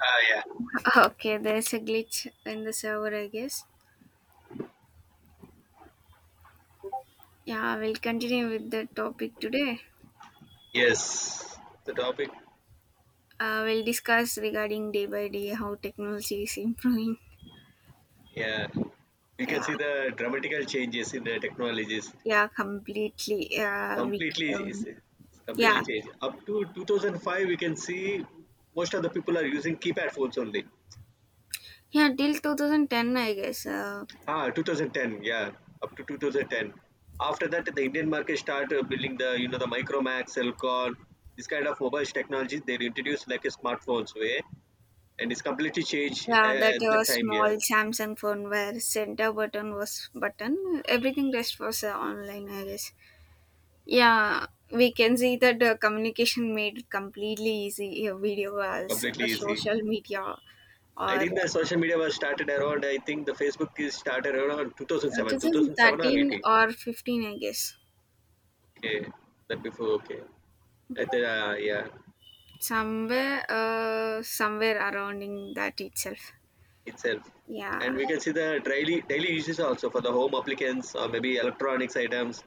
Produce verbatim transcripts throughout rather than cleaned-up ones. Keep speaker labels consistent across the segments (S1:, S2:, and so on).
S1: Ah, yeah.
S2: Okay, there's a glitch in the server, I guess. Yeah, we'll continue with the topic today.
S1: Yes. The topic.
S2: Uh, we'll discuss regarding day by day how technology is improving.
S1: Yeah. You
S2: Yeah,
S1: can see the dramatical changes in the technologies.
S2: yeah, completely. Yeah, we,
S1: Completely is
S2: um,
S1: it's completely
S2: yeah,
S1: changed. Up to two thousand five, we can see most of the people are using keypad phones only.
S2: yeah. Till two thousand ten, I guess. Uh,
S1: Ah, twenty ten. Yeah, up to twenty ten. After that, the Indian market started building the you know the Micromax, Elcon, this kind of mobile technologies. They introduced like a smartphones way, and it's completely changed
S2: yeah,
S1: uh,
S2: that
S1: at that
S2: was
S1: time.
S2: small
S1: Yeah,
S2: Samsung phone where center button was button. Everything rest was uh, online, I guess. Yeah, we can see that uh, communication made it completely easy. Uh, video calls,
S1: completely
S2: uh,
S1: easy.
S2: social media,
S1: I
S2: or uh,
S1: think the social media was started around, I think the Facebook is started around two thousand seven,
S2: this is
S1: two thousand seven or
S2: thirteen
S1: eighteen.
S2: or fifteen, I guess.
S1: Okay, that before, okay. At the, uh, yeah,
S2: Somewhere, uh, somewhere around in that itself.
S1: itself.
S2: Yeah,
S1: And we can see the daily, daily uses also for the home applicants or maybe electronics items,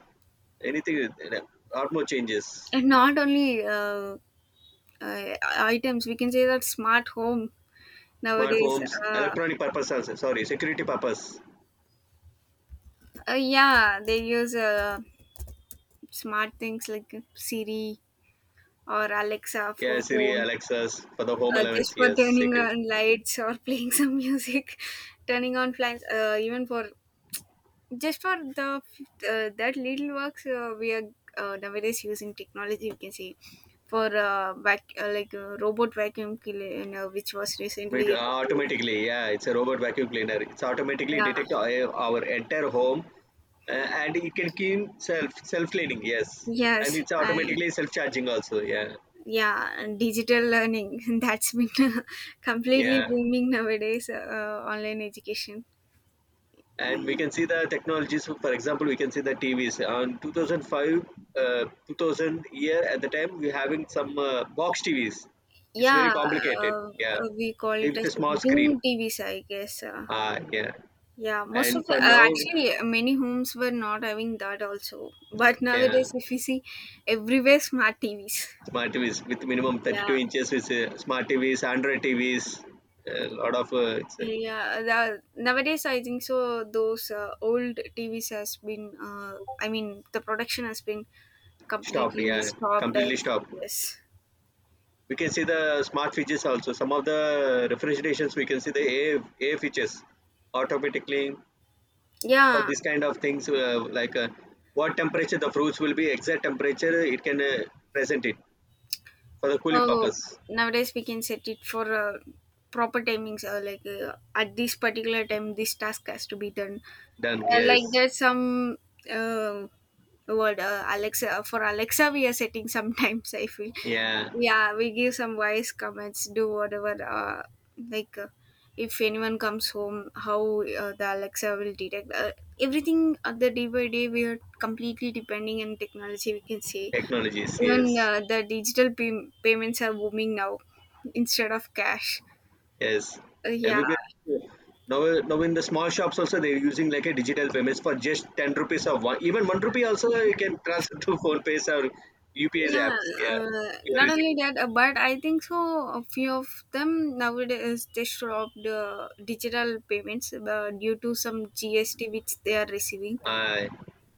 S1: anything, uh, lot more changes.
S2: and not only uh, uh, items, we can say that smart home
S1: Smart
S2: nowadays.
S1: homes,
S2: Uh,
S1: electronic purpose also, sorry, security purpose.
S2: uh, yeah, they use uh, smart things like Siri or Alexa
S1: Yeah,
S2: for
S1: Siri,
S2: home
S1: Alexas for the home
S2: uh,
S1: elements,
S2: just for
S1: yes,
S2: turning
S1: security.
S2: on lights, or playing some music, turning on flames, uh, even for just for the uh, that little works, uh, we are uh, nowadays using technology. You can see for uh, vac- uh, like uh, robot vacuum cleaner, which was recently
S1: But
S2: released.
S1: automatically, yeah, it's a robot vacuum cleaner. It's automatically
S2: Yeah,
S1: detect our our entire home, uh, and it can clean self self cleaning. Yes, and
S2: yes,
S1: it's
S2: I,
S1: automatically self charging also. Yeah,
S2: yeah, and digital learning, that's been completely
S1: yeah.
S2: booming nowadays, uh, online education.
S1: And we can see the technologies. For example, we can see the T Vs on two thousand five, uh, two thousand year at the time we having some uh, box T Vs. It's very
S2: Yeah,
S1: complicated.
S2: uh,
S1: Yeah,
S2: uh, we call it
S1: with a
S2: as
S1: small screen.
S2: doom T Vs, I guess. Uh,
S1: Ah, yeah.
S2: yeah, most of,
S1: And
S2: uh,
S1: for now,
S2: actually, uh, many homes were not having that also. But
S1: yeah,
S2: nowadays, if you see everywhere smart T Vs.
S1: smart T Vs with minimum thirty-two
S2: Yeah,
S1: inches with uh, smart T Vs, Android T Vs, a lot of uh, it's uh,
S2: yeah. The, nowadays, I think so. Those uh, old T Vs has been. Uh, I mean, the production has been
S1: stopped,
S2: completely
S1: yeah,
S2: stopped. I
S1: completely stopped.
S2: guess.
S1: We can see the smart features also. Some of the refrigerations we can see the A A features automatically for
S2: Yeah,
S1: this kind of things uh, like uh, what temperature the fruits will be, exact temperature it can uh, present it for the cooling
S2: oh,
S1: purpose.
S2: nowadays we can set it for uh, proper timings. Uh, like, uh, at this particular time, this task has to be done.
S1: Done.
S2: Uh,
S1: Yes.
S2: like, there's some uh, word, uh, Alexa for Alexa. We are setting sometimes. I feel,
S1: Yeah.
S2: yeah, we give some voice comments. Do whatever. Uh, like, uh, if anyone comes home, how uh, the Alexa will detect uh, everything. Uh, the day by day, we are completely depending on technology. We can say
S1: Technologies.
S2: even,
S1: Yes.
S2: uh, the digital pay- payments are booming now, instead of cash.
S1: Yes,
S2: Uh, yeah,
S1: everywhere. Now, now in the small shops also they're using like a digital payments for just ten rupees or one, even one rupee also you can transfer to phone pays or U P I's
S2: yeah.
S1: apps. Yeah,
S2: Uh,
S1: you are
S2: not
S1: using
S2: only that, uh, but I think so. A few of them nowadays they stop the digital payments uh, due to some G S T which they are receiving.
S1: uh,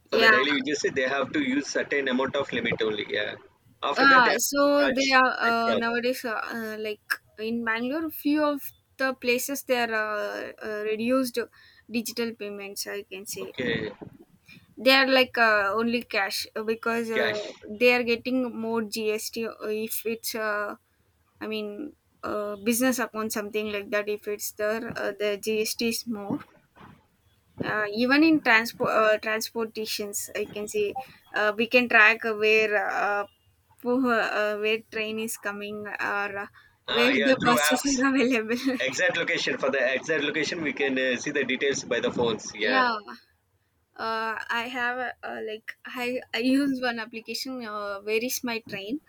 S1: for the
S2: Yeah.
S1: daily usage they have to use certain amount of limit only. Yeah, after that they
S2: Uh,
S1: have to
S2: so they
S1: charge
S2: are uh,
S1: extras.
S2: nowadays uh, uh, like, in Bangalore, few of the places they are uh, uh, reduced digital payments, I can say.
S1: Okay,
S2: They are like, uh, only cash, uh, because uh,
S1: cash.
S2: they are getting more G S T, uh, if it's, uh, I mean, uh, business account, something like that. If it's there, uh, the G S T is more, uh, even in transport uh, transportations, I can say. Uh, we can track, uh, where uh, who, uh, where train is coming, or uh,
S1: Ah,
S2: where
S1: yeah,
S2: the
S1: through
S2: buses
S1: apps.
S2: are available.
S1: Exact location, for the exact location we can uh, see the details by the phones. Yeah,
S2: Yeah, uh, I have, uh, like I, I use one application, uh, where is my train,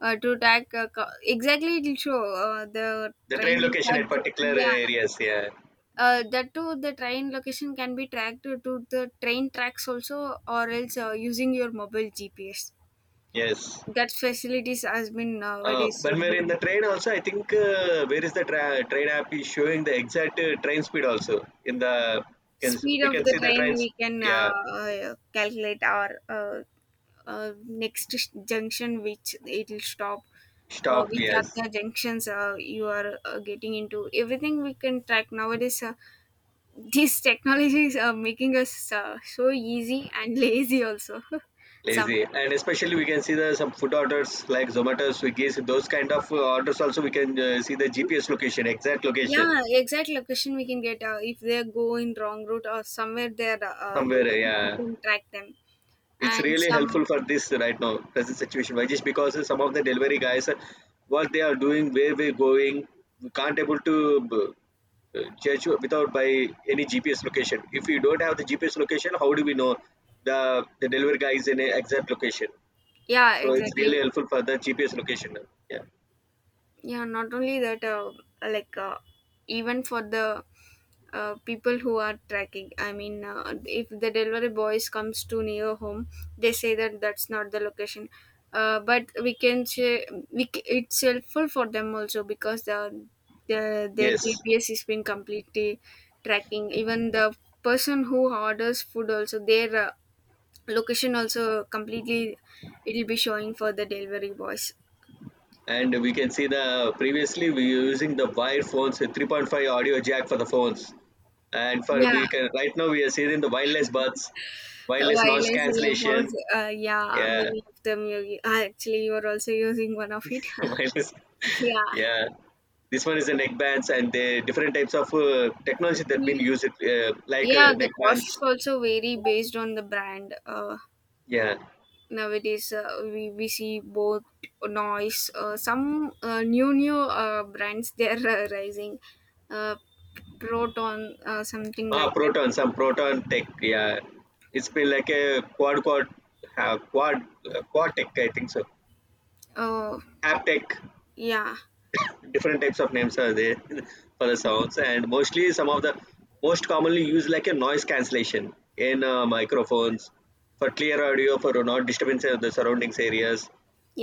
S2: uh, to track uh, co- exactly it will show, uh, the
S1: the train
S2: train, in
S1: location at
S2: fact.
S1: particular uh,
S2: Yeah,
S1: areas. Yeah,
S2: uh, that too, the train location can be tracked to, to the train tracks also, or else uh, using your mobile G P S.
S1: yes.
S2: That facilities has been
S1: Uh,
S2: nowadays, uh,
S1: when we're in
S2: booming.
S1: the train also, I think uh, where is the tra- train app is showing the exact uh, train speed also in the can,
S2: Speed
S1: we
S2: of
S1: can
S2: the
S1: see the
S2: train,
S1: trains.
S2: we can, uh,
S1: Yeah.
S2: uh, calculate our uh, uh, next junction which it will stop. Uh,
S1: Stop,
S2: which are
S1: yes.
S2: the junctions uh, you are uh, getting into, everything we can track nowadays. Uh, these technologies are making us uh, so easy and lazy also. Some,
S1: Lazy, and especially we can see the some food orders like Zomato, Swiggy, so those kind of uh, orders also we can uh, see the G P S location, exact location
S2: yeah, exact location we can get, uh, if they go in wrong route or somewhere they're uh,
S1: somewhere.
S2: going, we
S1: Yeah,
S2: can track them,
S1: it's
S2: and
S1: really
S2: some,
S1: helpful for this right now present situation. Why? Just because some of the delivery guys, what they are doing, where we're going, we can't able to uh, judge without by any GPS location. If we don't have the G P S location, how do we know the the delivery guy is in a exact location?
S2: yeah,
S1: So it's really
S2: exactly.
S1: helpful for the G P S location. Yeah,
S2: Yeah, not only that, uh, like uh, even for the uh, people who are tracking. I mean, uh, if the delivery boys comes too near home, they say that that's not the location, uh, but we can say, we, c- it's helpful for them also, because the, the, their
S1: yes.
S2: gps is been completely tracking, even the person who orders food also, their uh, location also completely, it'll be showing for the delivery boys.
S1: And we can see the previously we were using the wired phones with three point five audio jack for the phones, and for
S2: Yeah,
S1: we can right now we are seeing the wireless buds, wireless
S2: while
S1: noise
S2: I see about,
S1: cancellation.
S2: uh, yeah,
S1: Yeah.
S2: many of them, you, actually, you are also using one of it.
S1: Wireless.
S2: Yeah.
S1: Yeah, this one is the neck bands, and the different types of uh, technology that been
S2: Yeah.
S1: used, uh, like
S2: Yeah,
S1: uh,
S2: the
S1: neck
S2: costs
S1: bands.
S2: also vary based on the brand. Uh,
S1: Yeah.
S2: nowadays, uh, we, we see both noise. Uh, some uh, new, new uh, brands, they are uh, rising. Uh, Proton, uh, something
S1: Ah,
S2: like that.
S1: proton, some proton tech. Yeah, it's been like a quad quad uh, quad uh, quad tech, I think so.
S2: Oh,
S1: Haptech,
S2: yeah.
S1: different types of names are there for the sounds. And mostly some of the most commonly used like a noise cancellation in uh, microphones for clear audio, for not disturbance of the surroundings areas.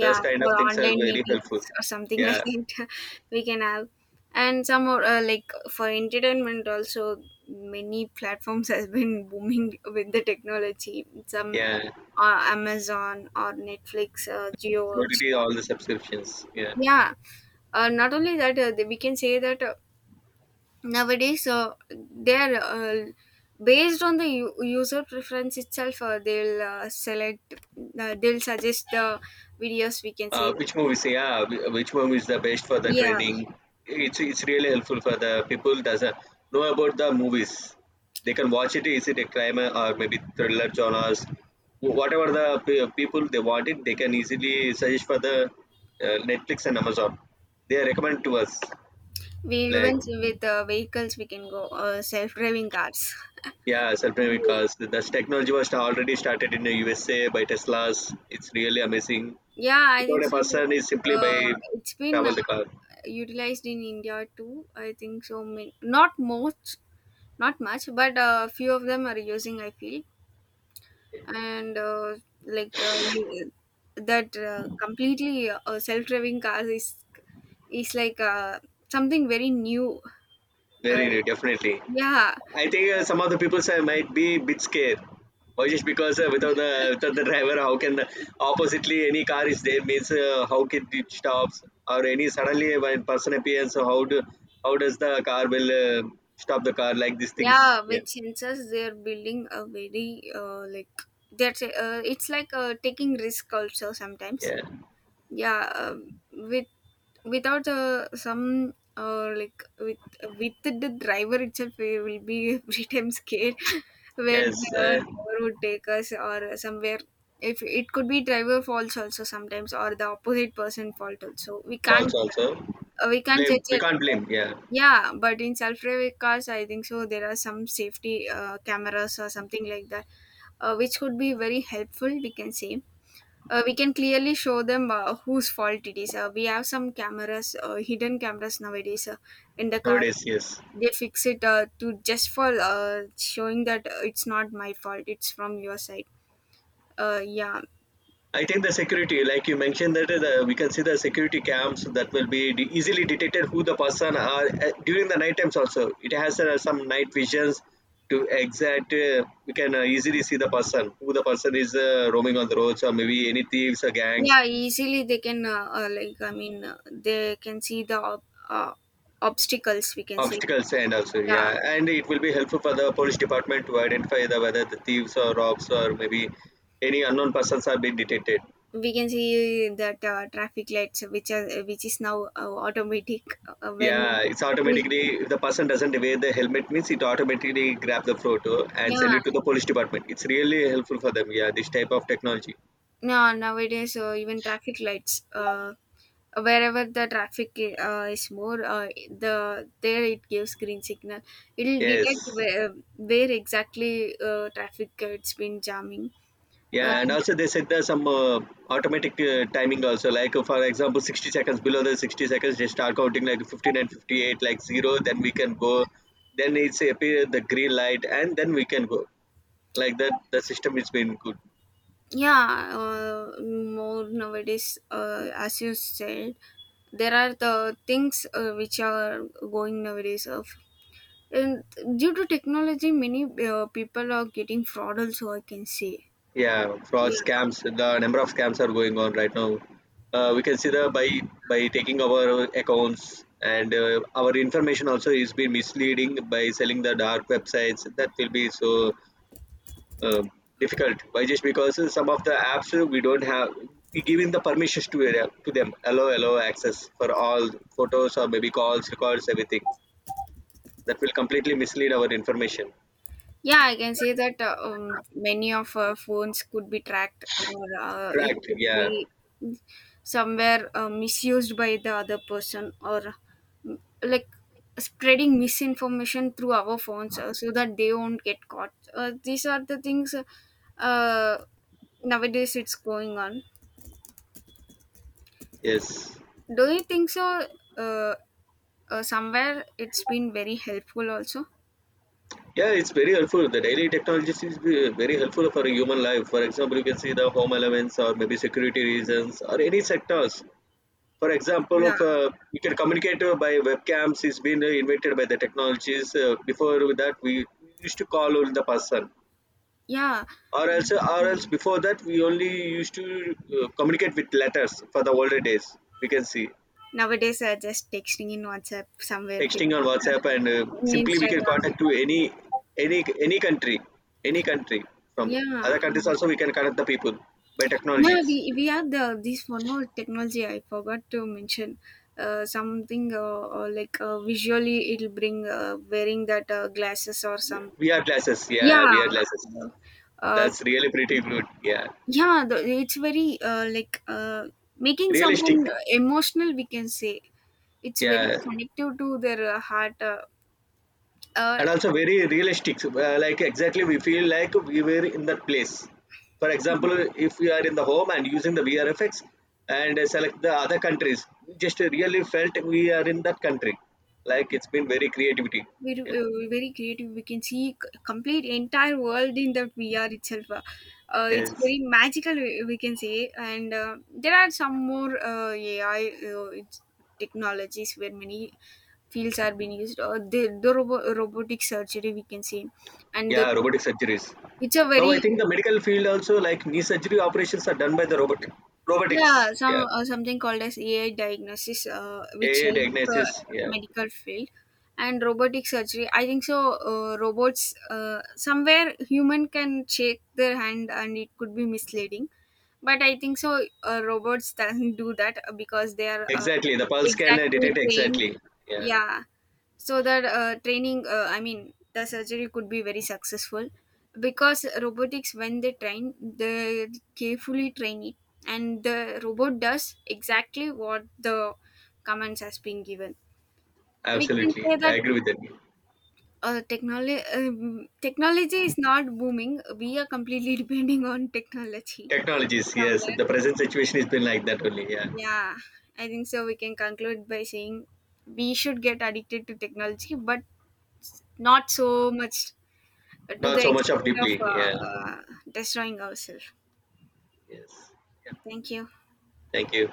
S1: Those kind of
S2: for
S1: things are
S2: online
S1: very helpful.
S2: meetings or something like
S1: Yeah.
S2: that, we can have, and some more, uh, like for entertainment also, many platforms has been booming with the technology. Some,
S1: Yeah,
S2: uh, Amazon or Netflix, uh,
S1: so
S2: Geo.
S1: it is all the subscriptions. Yeah.
S2: Yeah, uh, not only that, uh, we can say that, uh, nowadays, uh, they are, uh, based on the u- user preference itself, uh, they'll uh, select, uh, they'll suggest the videos, we can say.
S1: Uh, which movies? Yeah, wh- which movie is the best for the
S2: Yeah,
S1: training? It's it's really helpful for the people doesn't know about the movies. They can watch it. Is it a crime or maybe thriller genres? Wh- Whatever the pe- people they want it, they can easily suggest for the uh, Netflix and Amazon. They recommend to us
S2: we,
S1: like.
S2: even with uh, vehicles, we can go, uh, self-driving cars.
S1: Yeah, certainly,
S2: Really?
S1: because this technology was already started in the U S A by Teslas. It's really amazing.
S2: Yeah, I
S1: Without
S2: think
S1: a
S2: so.
S1: person, is simply
S2: Uh,
S1: by
S2: it's been uh,
S1: travel the car.
S2: utilized in India too, I think so. ma- Not much, not much, but a few of them are using, I feel. And uh, like uh, you- that uh, completely uh, self-driving cars is is like uh, something very new. Uh,
S1: Very new, definitely.
S2: yeah.
S1: I think uh, some of the people say might be a bit scared. Or just because uh, without the without the driver, how can the oppositely any car is there means uh, how can it stops, or any suddenly when person appears, so how do, how does the car will uh, stop the car, like these things?
S2: Yeah,
S1: Yeah,
S2: with sensors they're building a very, uh, like that's uh, it's like, uh, taking risk also sometimes.
S1: yeah,
S2: Yeah, um, with, without uh, some uh, like with with the driver itself, we will be every time scared, where
S1: yes,
S2: the
S1: uh,
S2: driver would take us or somewhere. If it could be driver faults also sometimes, or the opposite person fault also, we
S1: false
S2: can't,
S1: also.
S2: uh, we can't
S1: Blame,
S2: judge
S1: we
S2: it.
S1: can't
S2: Uh,
S1: blame. Yeah,
S2: yeah, but in self-driving cars, I think so, there are some safety uh, cameras or something like that, uh, which could be very helpful, we can say. Uh, we can clearly show them uh, whose fault it is. Uh, we have some cameras, uh, hidden cameras nowadays, uh, in the car.
S1: nowadays yes.
S2: They fix it uh, to just for uh, showing that uh, it's not my fault, it's from your side. Uh, yeah,
S1: I think the security, like you mentioned, that the, we can see the security cams that will be de- easily detected who the person are uh, during the night times. Also, it has uh, some night visions to exact. Uh, we can uh, easily see the person who the person is uh, roaming on the roads, or maybe any thieves or gangs,
S2: yeah. Easily they can, uh, uh, like I mean, uh, they can see the ob- uh, obstacles, we can say.
S1: obstacles, and also
S2: Yeah,
S1: yeah. And it will be helpful for the police department to identify the whether the thieves or robs, or maybe any unknown persons are being detected.
S2: we can see that uh, traffic lights which are, which is now uh, automatic, uh, when
S1: Yeah, it's
S2: we-
S1: automatically, if the person doesn't wear the helmet means, it automatically grab the photo and send
S2: yeah,
S1: it to the police department. It's really helpful for them. Yeah, this type of technology.
S2: no, nowadays, uh, even traffic lights, uh, wherever the traffic uh, is more, uh, the there, it gives green signal. It'll detect
S1: Yes.
S2: where, where exactly uh, traffic it's been jamming. uh,
S1: Yeah, and also they set the some uh, automatic uh, timing also. Like uh, for example, sixty seconds, below the sixty seconds, they start counting like fifteen and fifty eight, like zero. Then we can go. Then it's appear the green light, and then we can go. Like that, the system is been good.
S2: yeah, uh, more nowadays, uh, as you said, there are the things uh, which are going nowadays. uh, And due to technology, many uh, people are getting fraud also, I can say.
S1: Yeah, fraud
S2: Yeah,
S1: scams. The number of scams are going on right now. Uh, we can see the by by taking our accounts and uh, our information also is being misleading by selling the dark websites. That will be so uh, difficult. Why? Just because some of the apps uh, we don't have we giving the permissions to uh, to them. Allow allow access for all photos, or maybe calls, records, everything. That will completely mislead our information.
S2: yeah, I can say that, uh, um, many of our phones could be tracked, or uh, it
S1: Correct.
S2: could
S1: Yeah.
S2: be somewhere uh, misused by the other person, or mm, like spreading misinformation through our phones, uh, so that they won't get caught. Uh, these are the things, uh, uh, nowadays it's going on.
S1: Yes.
S2: Do you think so? Uh, uh, Somewhere it's been very helpful also.
S1: Yeah, it's very helpful. The daily technologies is ve- very helpful for a human life. For example, you can see the home elements, or maybe security reasons, or any sectors. For example,
S2: Yeah,
S1: of uh, you can communicate uh, by webcams. It's been uh, invented by the technologies. Uh, before with that, we used to call on the person,
S2: yeah,
S1: or else, or else before that, we only used to uh, communicate with letters for the older days. We can see
S2: nowadays, uh, just texting in WhatsApp, somewhere
S1: texting on
S2: Facebook,
S1: WhatsApp, and uh,
S2: in
S1: simply we can
S2: Instagram.
S1: contact to any any any country, any country from other
S2: Yeah,
S1: countries also we can connect the people by
S2: yeah,
S1: technologies.
S2: we, we had the, this one more technology, I forgot to mention, uh, something uh, uh, like uh, visually it'll bring, uh, wearing that uh, glasses or some.
S1: V R glasses, yeah,
S2: Yeah,
S1: V R glasses.
S2: uh,
S1: That's really pretty good. Yeah,
S2: yeah, the, it's very, uh, like uh, making
S1: realistic.
S2: someone emotional, we can say. It's very
S1: Yeah,
S2: connective to their uh, heart. Uh, uh,
S1: and also very realistic, uh, like exactly we feel like we were in that place. For example, if we are in the home and using the V R effects, and uh, select the other countries, we just really felt we are in that country. Like, it's been very creativity.
S2: Very,
S1: Yeah.
S2: uh, very creative. We can see c- complete entire world in the V R itself. Uh, uh, it's
S1: Yes.
S2: very magical, We we can say. And uh, there are some more uh, A I, uh, it's technologies where many fields are being used, or the, the robo- robotic surgery we can say, and
S1: Yeah,
S2: the,
S1: robotic surgeries.
S2: it's a
S1: Now I
S2: very.
S1: think the medical field also, like knee surgery operations are done by the robot, robotics.
S2: Yeah,
S1: Yeah,
S2: some, uh, something called as A I diagnosis, uh, which
S1: AI
S2: help,
S1: diagnosis.
S2: uh,
S1: Yeah,
S2: medical field, and robotic surgery. I think so. Uh, robots, uh, somewhere human can shake their hand, and it could be misleading. But I think so, Uh, robots doesn't do that, uh, because they are, uh,
S1: exactly the pulse can uh,
S2: exactly
S1: detect
S2: trained.
S1: exactly. Yeah,
S2: Yeah, so that uh, training, uh, I mean the surgery could be very successful, because robotics, when they train, they carefully train it, and the robot does exactly what the commands has been given, we can
S1: absolutely,
S2: say
S1: I
S2: that,
S1: agree with that.
S2: uh, technology, um, technology is not booming, we are completely depending on technology
S1: Technologies, yes.
S2: somewhere.
S1: The present situation has been like that only. Yeah,
S2: Yeah, I think so, we can conclude by saying we should get addicted to technology, but not so much, to
S1: not
S2: the
S1: so much of
S2: extent of
S1: deeply.
S2: uh,
S1: Yeah,
S2: uh, destroying ourselves.
S1: yes. Yeah.
S2: Thank you.
S1: Thank you.